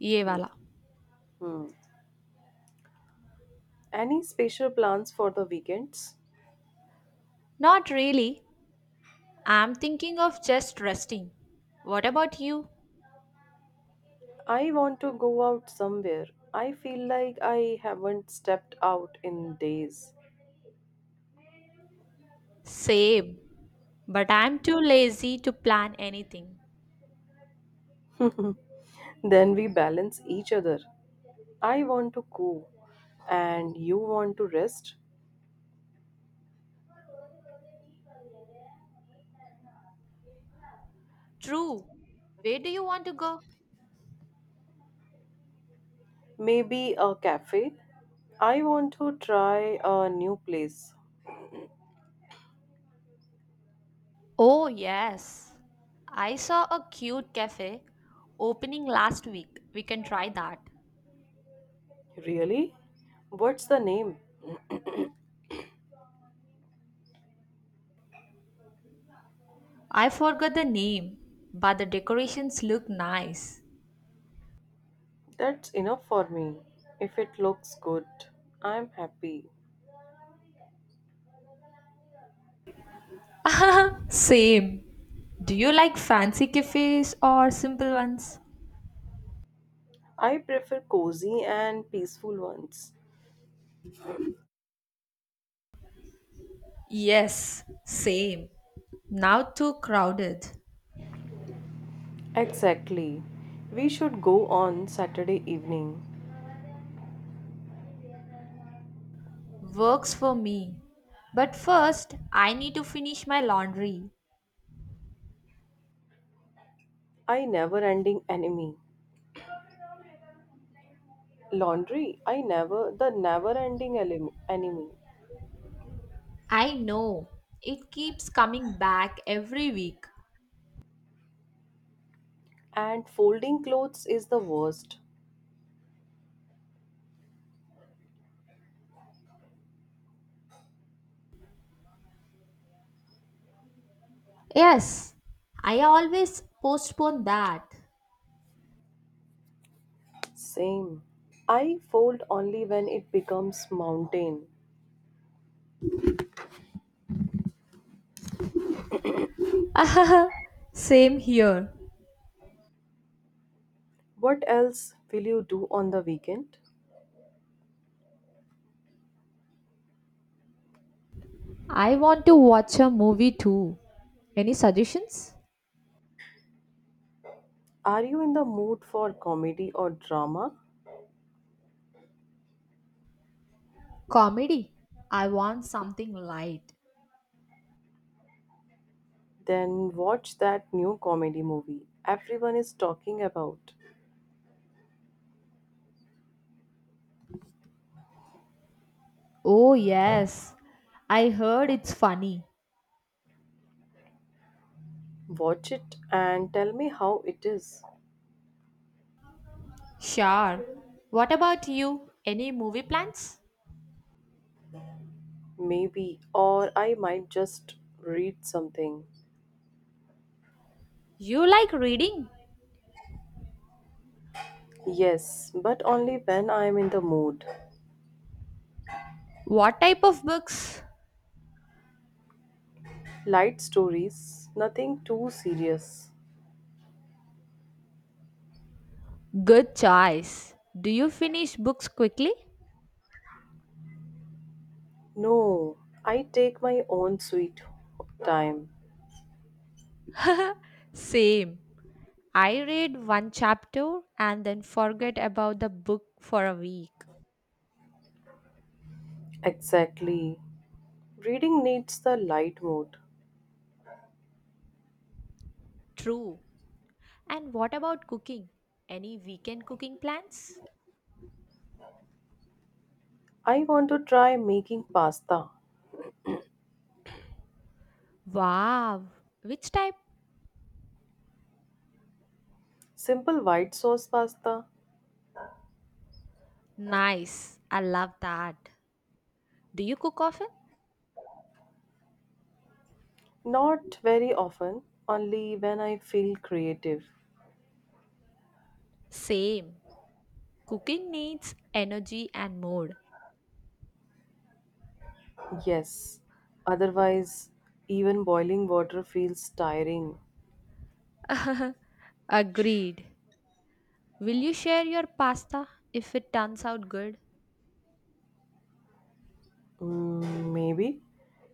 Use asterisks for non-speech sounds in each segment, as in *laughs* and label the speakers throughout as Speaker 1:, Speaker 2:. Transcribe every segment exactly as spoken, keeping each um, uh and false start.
Speaker 1: Yevala.
Speaker 2: Hmm. Any special plans for the weekends?
Speaker 1: Not really. I'm thinking of just resting. What about you?
Speaker 2: I want to go out somewhere. I feel like I haven't stepped out in days.
Speaker 1: Same. But I'm too lazy to plan anything.
Speaker 2: Then we balance each other. I want to go, and you want to rest.
Speaker 1: True. Where do you want to go?
Speaker 2: Maybe a cafe. I want to try a new place.
Speaker 1: Oh, yes. I saw a cute cafe opening last week. We can try that.
Speaker 2: Really? What's the name?
Speaker 1: I forgot the name, but the decorations look nice.
Speaker 2: That's enough for me. If it looks good, I'm happy.
Speaker 1: *laughs* Same. Do you like fancy cafes or simple ones?
Speaker 2: I prefer cozy and peaceful ones.
Speaker 1: Yes, same. Now too crowded.
Speaker 2: Exactly. We should go on Saturday evening.
Speaker 1: Works for me. But first, I need to finish my laundry.
Speaker 2: I never ending enemy. Laundry, I never, the never ending enemy.
Speaker 1: I know. It keeps coming back every week.
Speaker 2: And folding clothes is the worst.
Speaker 1: Yes, I always postpone that.
Speaker 2: Same. I fold only when it becomes mountain.
Speaker 1: *laughs* same here.
Speaker 2: What else will you do on the weekend?
Speaker 1: I want to watch a movie too. Any suggestions?
Speaker 2: Are you in the mood for comedy or drama?
Speaker 1: Comedy. I want something light.
Speaker 2: Then watch that new comedy movie everyone is talking about.
Speaker 1: Oh, yes. I heard it's funny.
Speaker 2: Watch it and tell me how it is.
Speaker 1: Sure. What about you? Any movie plans?
Speaker 2: Maybe, or I might just read something.
Speaker 1: You like reading?
Speaker 2: Yes, but only when I am in the mood.
Speaker 1: What type of books?
Speaker 2: Light stories, nothing too serious.
Speaker 1: Good choice. Do you finish books quickly?
Speaker 2: No, I take my own sweet time.
Speaker 1: Same. I read one chapter and then forget about the book for a week.
Speaker 2: Exactly. Reading needs the light mood.
Speaker 1: True. And what about cooking? Any weekend cooking plans?
Speaker 2: I want to try making pasta.
Speaker 1: Wow. Which type?
Speaker 2: Simple white sauce pasta.
Speaker 1: Nice. I love that. Do you cook often?
Speaker 2: Not very often, only when I feel creative.
Speaker 1: Same. Cooking needs energy and mood.
Speaker 2: Yes. Otherwise, even boiling water feels tiring.
Speaker 1: *laughs* Agreed. Will you share your pasta if it turns out good?
Speaker 2: Mm, maybe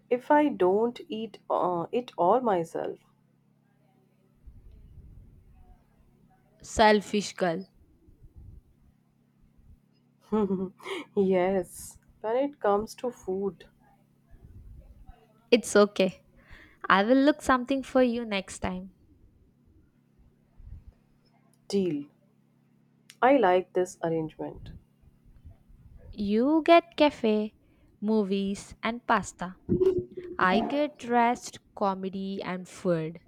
Speaker 2: if I don't eat uh, it all myself.
Speaker 1: Selfish girl.
Speaker 2: *laughs* Yes. When it comes to food,
Speaker 1: It's okay. I will look something for you next time.
Speaker 2: deal. I like this arrangement.
Speaker 1: You get cafe, movies, and pasta. I get rest, comedy, and food.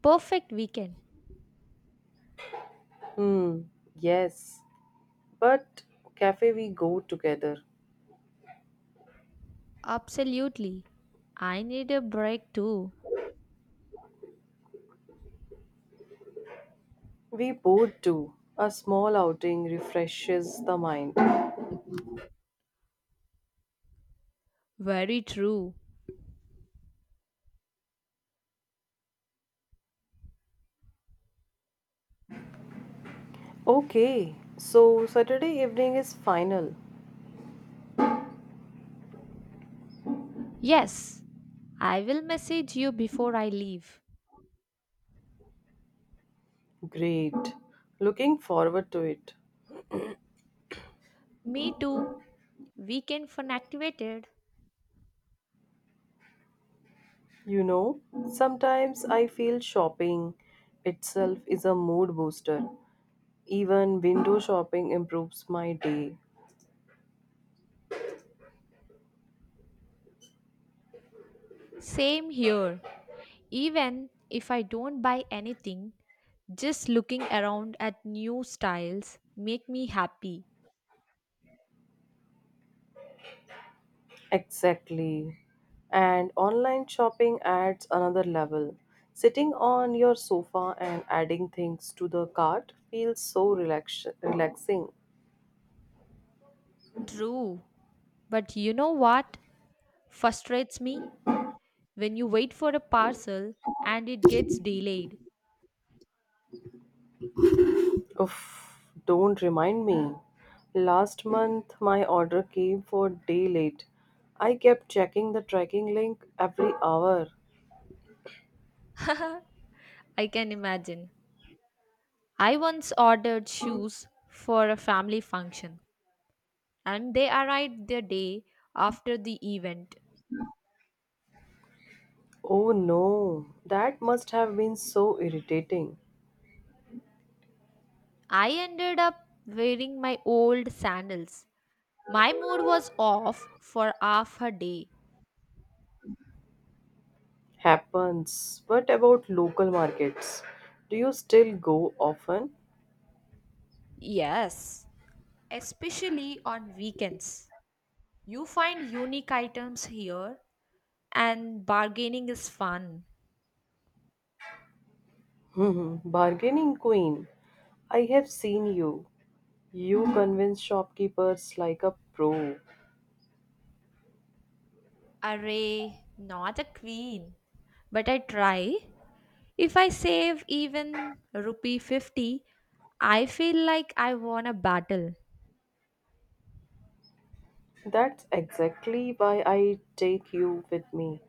Speaker 1: Perfect weekend.
Speaker 2: Hmm. Yes. But cafe we go together.
Speaker 1: Absolutely. I need a break too.
Speaker 2: We both do. A small outing refreshes the mind.
Speaker 1: Very true.
Speaker 2: Okay, so Saturday evening is final.
Speaker 1: Yes, I will message you before I leave.
Speaker 2: Great. Looking forward to it.
Speaker 1: Me too. Weekend fun activated.
Speaker 2: You know, sometimes I feel shopping itself is a mood booster. Even window shopping improves my day.
Speaker 1: Same here. Even if I don't buy anything, just looking around at new styles make me happy.
Speaker 2: Exactly. And online shopping adds another level. Sitting on your sofa and adding things to the cart feels so relax- relaxing.
Speaker 1: True. But you know what frustrates me? When you wait for a parcel and it gets delayed.
Speaker 2: Oof, don't remind me. Last month my order came for a day late. I kept checking the tracking link every hour.
Speaker 1: *laughs* I can imagine. I once ordered shoes for a family function and they arrived the day after the event.
Speaker 2: Oh no, that must have been so irritating.
Speaker 1: I ended up wearing my old sandals. My mood was off for half a day.
Speaker 2: Happens. What about local markets? Do you still go often?
Speaker 1: Yes, especially on weekends. You find unique items here, and bargaining is fun.
Speaker 2: Hmm, bargaining queen, I have seen you. You convince shopkeepers like a pro.
Speaker 1: Array, not a queen, but I try. If I save even rupee fifty, I feel like I won a battle.
Speaker 2: That's exactly why I take you with me.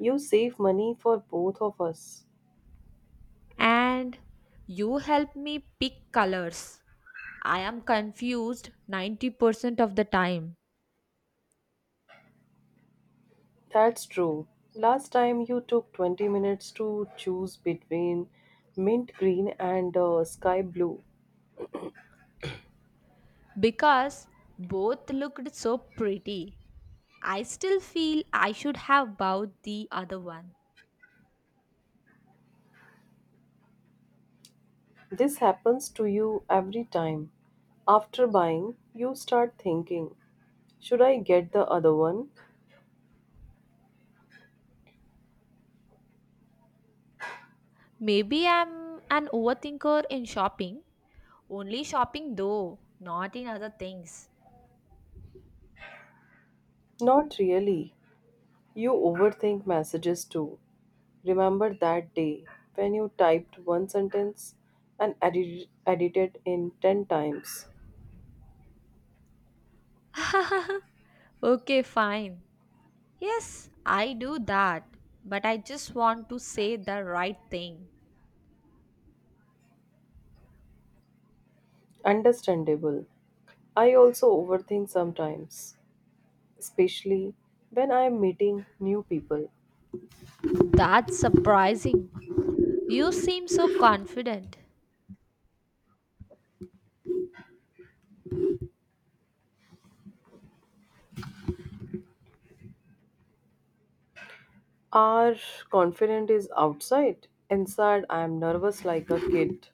Speaker 2: You save money for both of us.
Speaker 1: And you help me pick colors. I am confused ninety percent of the time.
Speaker 2: That's true. Last time you took twenty minutes to choose between mint green and uh, sky blue.
Speaker 1: Because both looked so pretty. I still feel I should have bought the other one.
Speaker 2: This happens to you every time. After buying, you start thinking, should I get the other one?
Speaker 1: Maybe I'm an overthinker in shopping. Only shopping though, not in other things.
Speaker 2: Not really. You overthink messages too. Remember that day when you typed one sentence and edit- edited in ten times?
Speaker 1: *laughs* okay, fine. Yes, I do that. But I just want to say the right thing.
Speaker 2: Understandable. I also overthink sometimes, especially when I am meeting new people.
Speaker 1: That's surprising. You seem so confident.
Speaker 2: Our confidence is outside. Inside, I am nervous like a kid.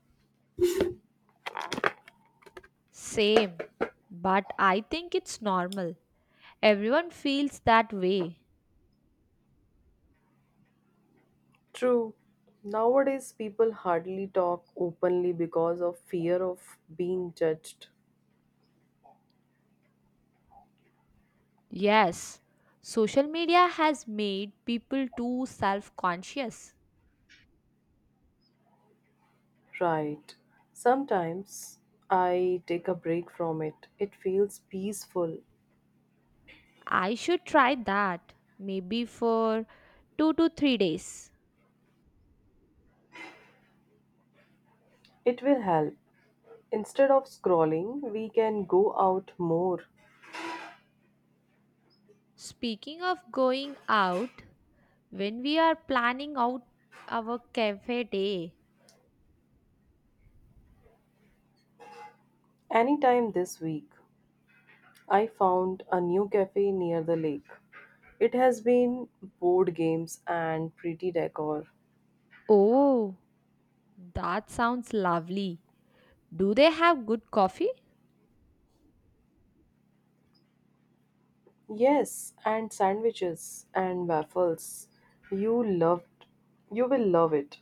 Speaker 1: Same. But I think it's normal. Everyone feels that way.
Speaker 2: True. Nowadays, people hardly talk openly because of fear of being judged.
Speaker 1: Yes, social media has made people too self conscious.
Speaker 2: Right. Sometimes I take a break from it. It feels peaceful.
Speaker 1: I should try that maybe for two to three days.
Speaker 2: It will help. Instead of scrolling, we can go out more.
Speaker 1: Speaking of going out, when we are planning out our cafe day,
Speaker 2: Anytime this week, I found a new cafe near the lake. It has been board games and pretty decor.
Speaker 1: oh, that sounds lovely. Do they have good coffee?
Speaker 2: Yes, and sandwiches and waffles. You loved you will love it.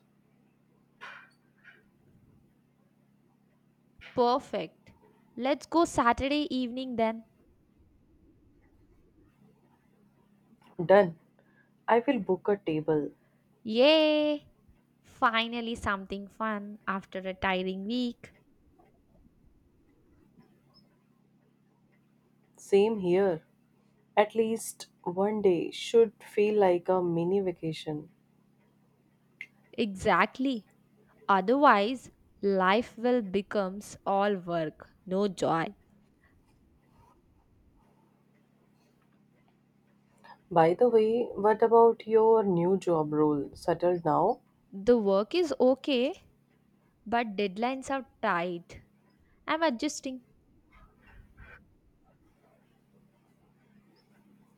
Speaker 1: Perfect. Let's go Saturday evening then.
Speaker 2: Done. I will book a table.
Speaker 1: Yay! Finally, something fun after a tiring week.
Speaker 2: Same here. At least one day should feel like a mini vacation.
Speaker 1: Exactly. Otherwise, life will becomes all work, no joy.
Speaker 2: By the way, what about your new job role? Settled now?
Speaker 1: The work is okay, but deadlines are tight. I'm adjusting.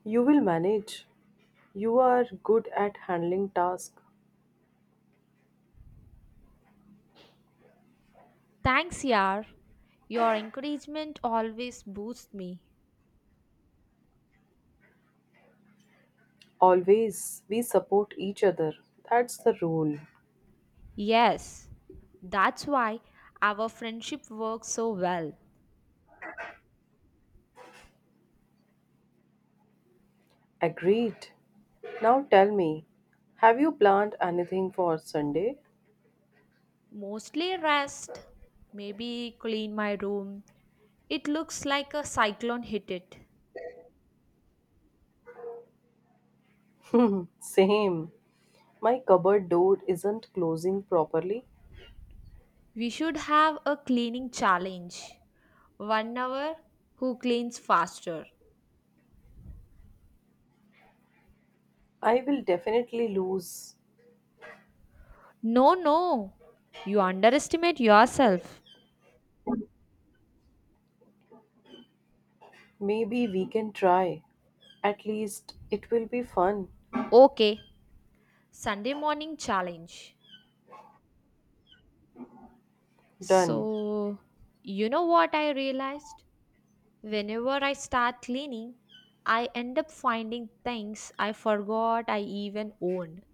Speaker 2: You will manage. You are good at handling tasks.
Speaker 1: Thanks, yaar. Your encouragement always boosts me.
Speaker 2: Always we support each other. That's the rule.
Speaker 1: Yes, that's why our friendship works so well.
Speaker 2: Agreed. Now tell me, have you planned anything for Sunday?
Speaker 1: Mostly rest, maybe clean my room. It looks like a cyclone hit it.
Speaker 2: *laughs* Same. My cupboard door isn't closing properly.
Speaker 1: We should have a cleaning challenge. One hour, who cleans faster?
Speaker 2: I will definitely lose.
Speaker 1: No, no. You underestimate yourself.
Speaker 2: Maybe we can try. At least it will be fun.
Speaker 1: Okay. Sunday morning challenge.
Speaker 2: Done.
Speaker 1: So, you know what I realized? Whenever I start cleaning, I end up finding things I forgot I even owned.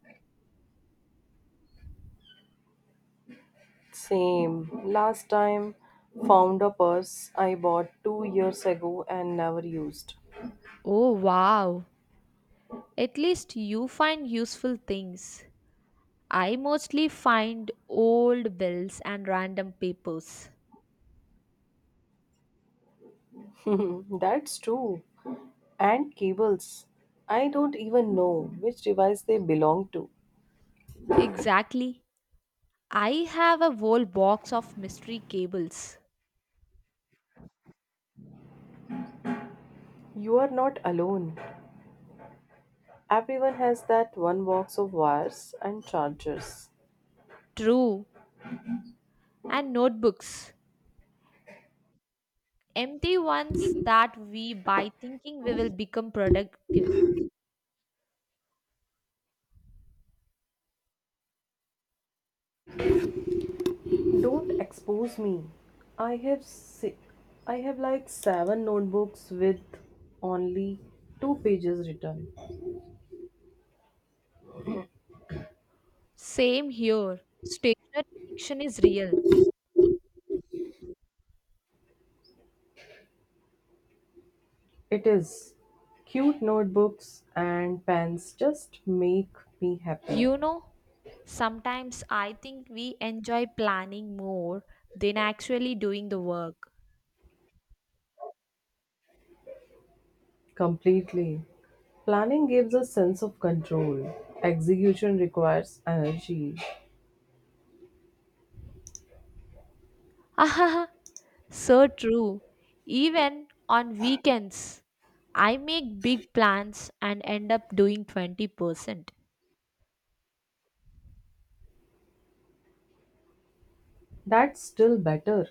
Speaker 2: Same. Last time, found a purse I bought two years ago and never used.
Speaker 1: Oh, wow. At least you find useful things. I mostly find old bills and random papers.
Speaker 2: *laughs* That's true. And cables. I don't even know which device they belong to.
Speaker 1: Exactly. I have a whole box of mystery cables.
Speaker 2: You are not alone. Everyone has that one box of wires and chargers.
Speaker 1: True. And notebooks. Empty ones that we buy thinking we will become productive.
Speaker 2: Don't expose me. I have si- I have like seven notebooks with only two pages written.
Speaker 1: Same here. Stationary addiction is real.
Speaker 2: It is. Cute notebooks and pens just make me happy.
Speaker 1: You know, sometimes I think we enjoy planning more than actually doing the work.
Speaker 2: Completely. Planning gives a sense of control. Execution requires energy.
Speaker 1: *laughs* So true. Even on weekends, I make big plans and end up doing twenty percent.
Speaker 2: That's still better.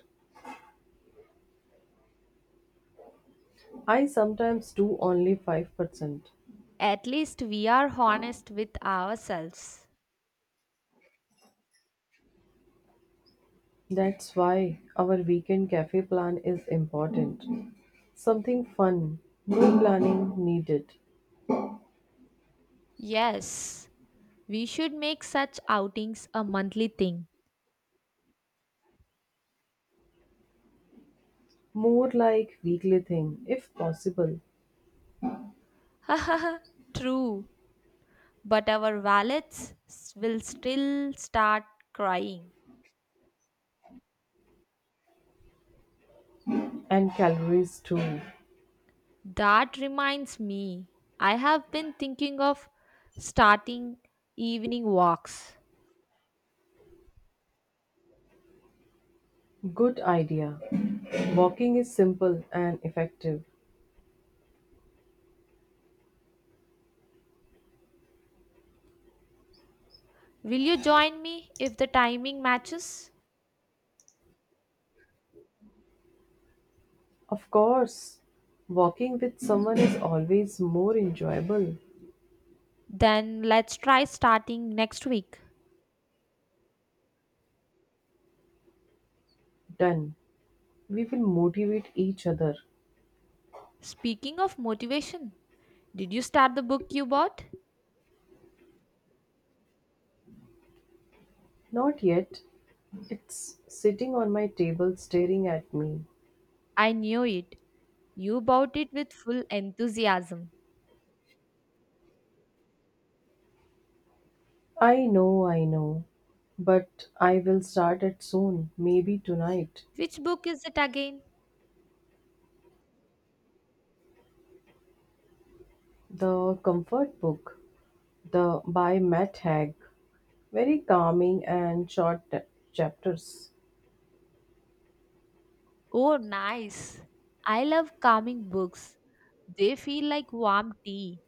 Speaker 2: I sometimes do only five percent.
Speaker 1: At least we are honest with ourselves.
Speaker 2: That's why our weekend cafe plan is important. Something fun, no planning needed.
Speaker 1: Yes, we should make such outings a monthly thing.
Speaker 2: More like weekly thing if possible
Speaker 1: *laughs* True, but our wallets s- will still start crying.
Speaker 2: and calories too.
Speaker 1: That reminds me, I have been thinking of starting evening walks.
Speaker 2: Good idea. Walking is simple and effective.
Speaker 1: Will you join me if the timing matches?
Speaker 2: Of course, walking with someone is always more enjoyable.
Speaker 1: Then let's try starting next week.
Speaker 2: Done. We will motivate each other.
Speaker 1: Speaking of motivation, did you start the book you bought?
Speaker 2: Not yet. It's sitting on my table staring at me.
Speaker 1: I knew it. You bought it with full enthusiasm.
Speaker 2: I know, I know. But I will start it soon, maybe tonight.
Speaker 1: Which book is it again?
Speaker 2: The Comfort Book, the by Matt Haig. Very calming and short t- chapters.
Speaker 1: Oh, nice. I love calming books. They feel like warm tea.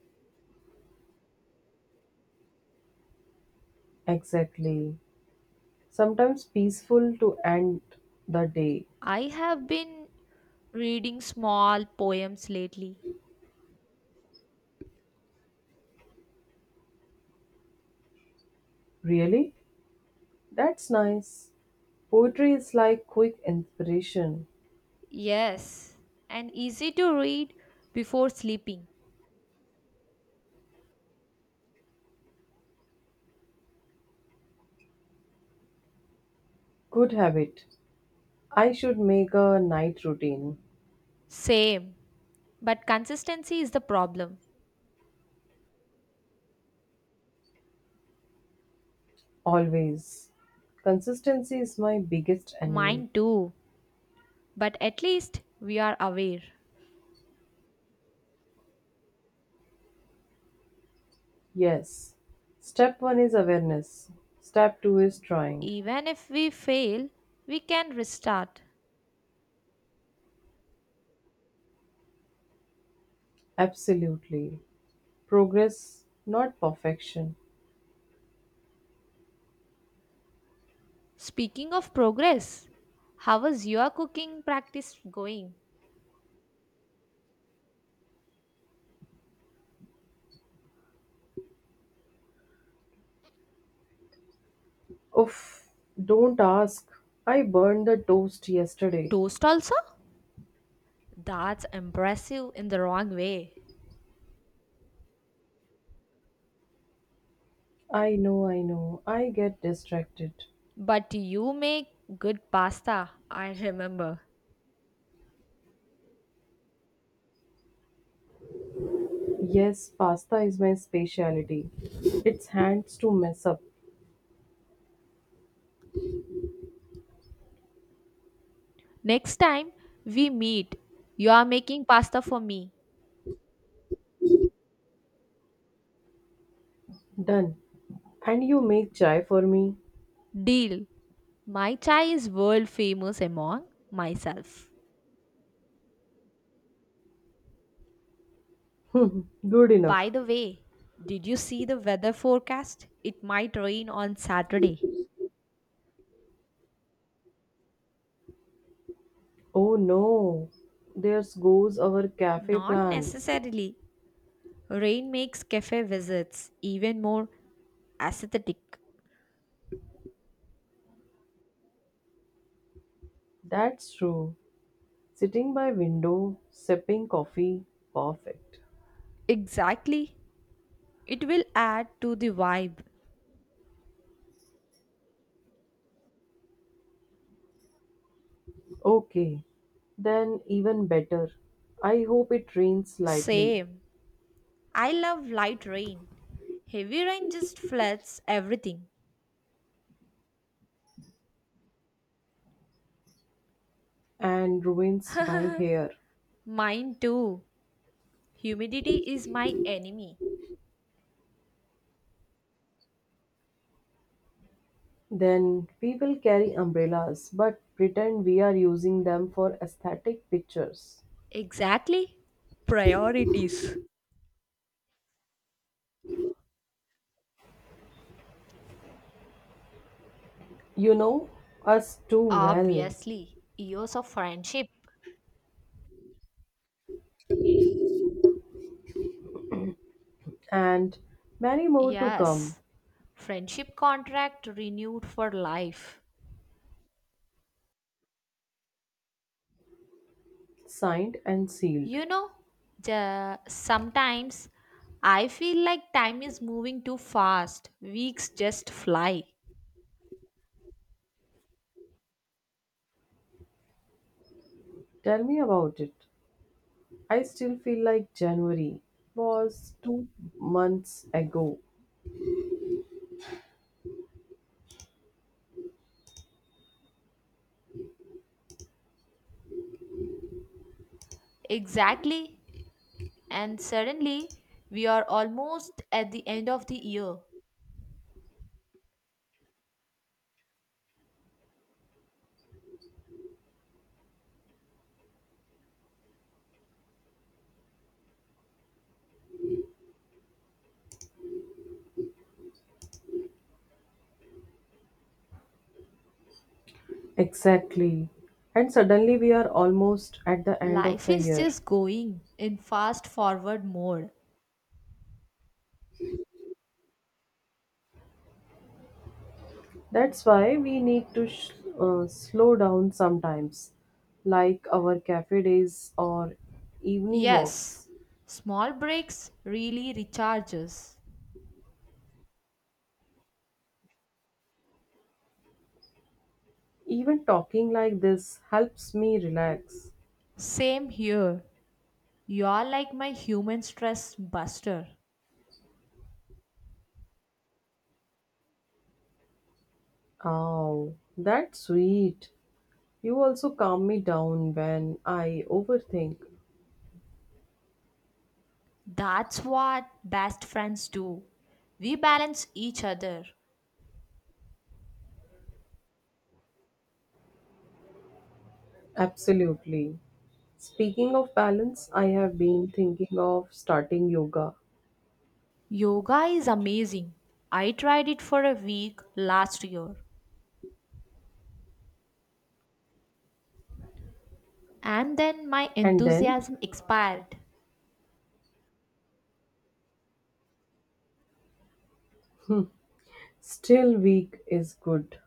Speaker 2: Exactly. Sometimes peaceful to end the day.
Speaker 1: I have been reading small poems lately.
Speaker 2: Really? That's nice. Poetry is like quick inspiration.
Speaker 1: Yes, and easy to read before sleeping.
Speaker 2: Good habit. I should make a night routine.
Speaker 1: Same. But consistency is the problem.
Speaker 2: Always. Consistency is my biggest enemy.
Speaker 1: Mine too. But at least we are aware.
Speaker 2: Yes. Step one is awareness. Step two is trying.
Speaker 1: Even if we fail, we can restart.
Speaker 2: Absolutely. Progress, not perfection.
Speaker 1: Speaking of progress, how is your cooking practice going?
Speaker 2: Oof, don't ask. I burned the toast yesterday.
Speaker 1: Toast also? That's impressive in the wrong way.
Speaker 2: I know, I know. I get distracted.
Speaker 1: But you make good pasta, I remember.
Speaker 2: Yes, pasta is my specialty. It's hands to mess up.
Speaker 1: Next time we meet, you are making pasta for me.
Speaker 2: Done. And you make chai for me?
Speaker 1: Deal. My chai is world famous among myself.
Speaker 2: *laughs* Hmm, good
Speaker 1: By
Speaker 2: enough.
Speaker 1: the way, did you see the weather forecast? It might rain on Saturday.
Speaker 2: Oh no. There goes our cafe
Speaker 1: Not
Speaker 2: plan.
Speaker 1: necessarily. Rain makes cafe visits even more aesthetic.
Speaker 2: That's true. Sitting by window, sipping coffee. Perfect.
Speaker 1: Exactly. It will add to the vibe.
Speaker 2: Okay. Then even better. I hope it rains slightly
Speaker 1: Same. I love light rain. Heavy rain just floods everything.
Speaker 2: and ruins my hair.
Speaker 1: Mine too. Humidity is my enemy.
Speaker 2: Then people carry umbrellas but pretend we are using them for aesthetic pictures.
Speaker 1: Exactly. Priorities.
Speaker 2: You know us too well,
Speaker 1: Obviously. Years of friendship.
Speaker 2: and many more to come,
Speaker 1: Yes, friendship contract renewed for life.
Speaker 2: signed and sealed.
Speaker 1: You know, the, sometimes I feel like time is moving too fast. Weeks just fly.
Speaker 2: Tell me about it. I still feel like January was two months ago.
Speaker 1: Exactly. And suddenly, we are almost at the end of the year.
Speaker 2: Exactly. And suddenly we are almost at the end of
Speaker 1: Life
Speaker 2: the
Speaker 1: is
Speaker 2: year.
Speaker 1: just going in fast forward mode.
Speaker 2: That's why we need to sh- uh, slow down sometimes, like our cafe days or evening
Speaker 1: Yes,
Speaker 2: walks.
Speaker 1: small breaks really recharges.
Speaker 2: Even talking like this helps me relax.
Speaker 1: Same here. You're like my human stress buster.
Speaker 2: Oh, that's sweet. You also calm me down when I overthink.
Speaker 1: That's what best friends do. We balance each other.
Speaker 2: Absolutely. Speaking of balance, I have been thinking of starting yoga.
Speaker 1: Yoga is amazing. I tried it for a week last year and then my
Speaker 2: And then,
Speaker 1: enthusiasm expired.
Speaker 2: still weak is good.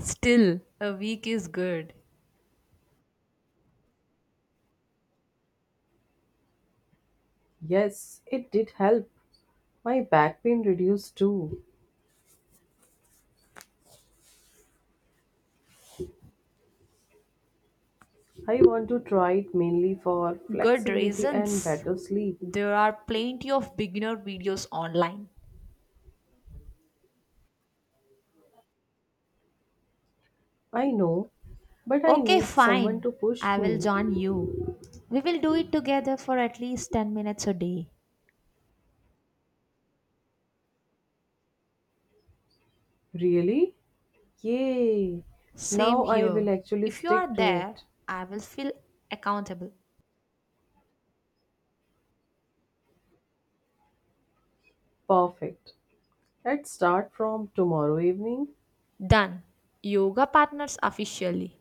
Speaker 1: Still, a week is good.
Speaker 2: Yes, it did help. My back pain reduced too. I want to try it mainly for
Speaker 1: Good
Speaker 2: flexibility and
Speaker 1: reasons.
Speaker 2: better sleep.
Speaker 1: There are plenty of beginner videos online.
Speaker 2: I know, but I
Speaker 1: Okay,
Speaker 2: need someone
Speaker 1: fine.
Speaker 2: to push
Speaker 1: I will
Speaker 2: me.
Speaker 1: join you. We will do it together for at least ten minutes a day.
Speaker 2: Really? Yay!
Speaker 1: Same
Speaker 2: Now I will
Speaker 1: here.
Speaker 2: actually
Speaker 1: If you are
Speaker 2: stick to
Speaker 1: there,
Speaker 2: it.
Speaker 1: I will feel accountable.
Speaker 2: Perfect. Let's start from tomorrow evening.
Speaker 1: Done. Yoga partners officially.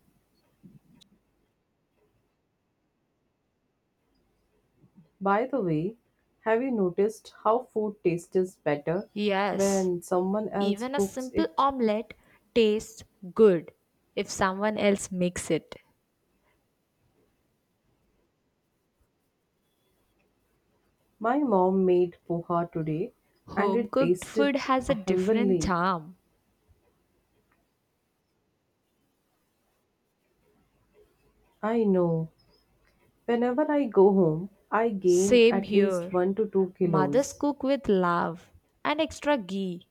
Speaker 2: By the way, have you noticed how food tastes better
Speaker 1: Yes,
Speaker 2: when someone else
Speaker 1: even a
Speaker 2: cooks
Speaker 1: simple
Speaker 2: it?
Speaker 1: omelette tastes good if someone else makes it.
Speaker 2: My mom made poha today and
Speaker 1: Home
Speaker 2: it
Speaker 1: cooked
Speaker 2: tasted
Speaker 1: food has a different
Speaker 2: heavenly.
Speaker 1: charm.
Speaker 2: I know. Whenever I go home, I gain
Speaker 1: Same
Speaker 2: at least
Speaker 1: here.
Speaker 2: one to two
Speaker 1: Mothers
Speaker 2: kilos.
Speaker 1: cook with love and extra ghee.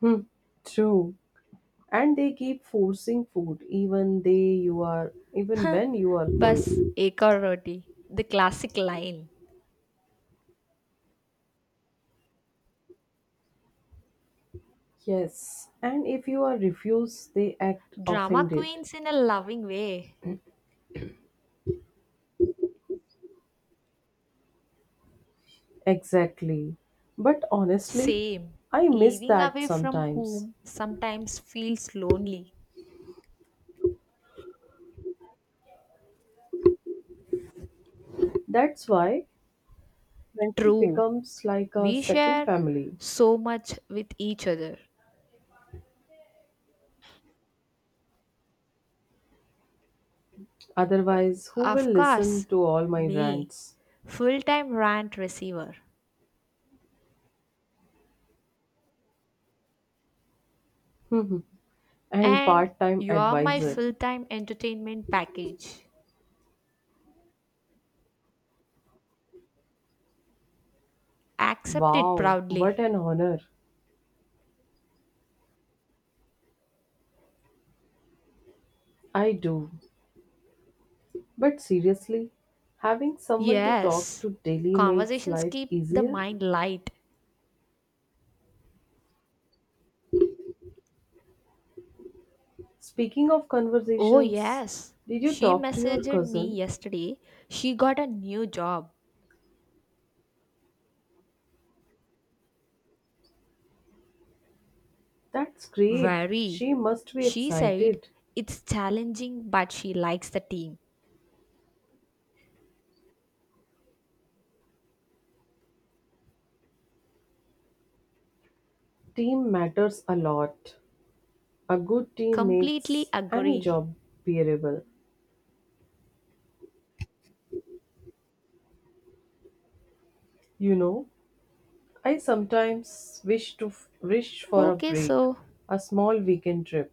Speaker 2: Hmm, true. And they keep forcing food even they you are even when you are full.
Speaker 1: Bas ek aur roti, the classic line.
Speaker 2: Yes, and if you are refused, they act
Speaker 1: Drama
Speaker 2: offended.
Speaker 1: queens in a loving way.
Speaker 2: Exactly. But honestly,
Speaker 1: Same.
Speaker 2: I miss
Speaker 1: Living
Speaker 2: that
Speaker 1: away from
Speaker 2: sometimes.
Speaker 1: home sometimes feels lonely.
Speaker 2: That's why friendship
Speaker 1: True.
Speaker 2: becomes like a
Speaker 1: We
Speaker 2: second
Speaker 1: share
Speaker 2: family.
Speaker 1: so much with each other.
Speaker 2: Otherwise, who will
Speaker 1: Of
Speaker 2: listen
Speaker 1: course,
Speaker 2: to all my
Speaker 1: me,
Speaker 2: rants?
Speaker 1: full time rant receiver.
Speaker 2: *laughs* And
Speaker 1: And
Speaker 2: part time
Speaker 1: you're my
Speaker 2: advisor.
Speaker 1: full time entertainment package. Accept it
Speaker 2: Wow, what
Speaker 1: proudly.
Speaker 2: an honor. I do. But seriously, having someone to talk
Speaker 1: Yes.
Speaker 2: to daily makes
Speaker 1: Conversations
Speaker 2: life
Speaker 1: keep the
Speaker 2: easier.
Speaker 1: mind light.
Speaker 2: Speaking of
Speaker 1: Oh,
Speaker 2: conversations,
Speaker 1: yes.
Speaker 2: did you
Speaker 1: She
Speaker 2: talk to your
Speaker 1: messaged me
Speaker 2: cousin?
Speaker 1: yesterday. She got a new job.
Speaker 2: That's great.
Speaker 1: Very.
Speaker 2: She must be
Speaker 1: She said
Speaker 2: excited.
Speaker 1: it's challenging, but she likes the team.
Speaker 2: Team matters a lot. A good team
Speaker 1: Completely
Speaker 2: makes any
Speaker 1: agree.
Speaker 2: job bearable. You know, I sometimes wish to wish for a
Speaker 1: Okay,
Speaker 2: break,
Speaker 1: so
Speaker 2: a small weekend trip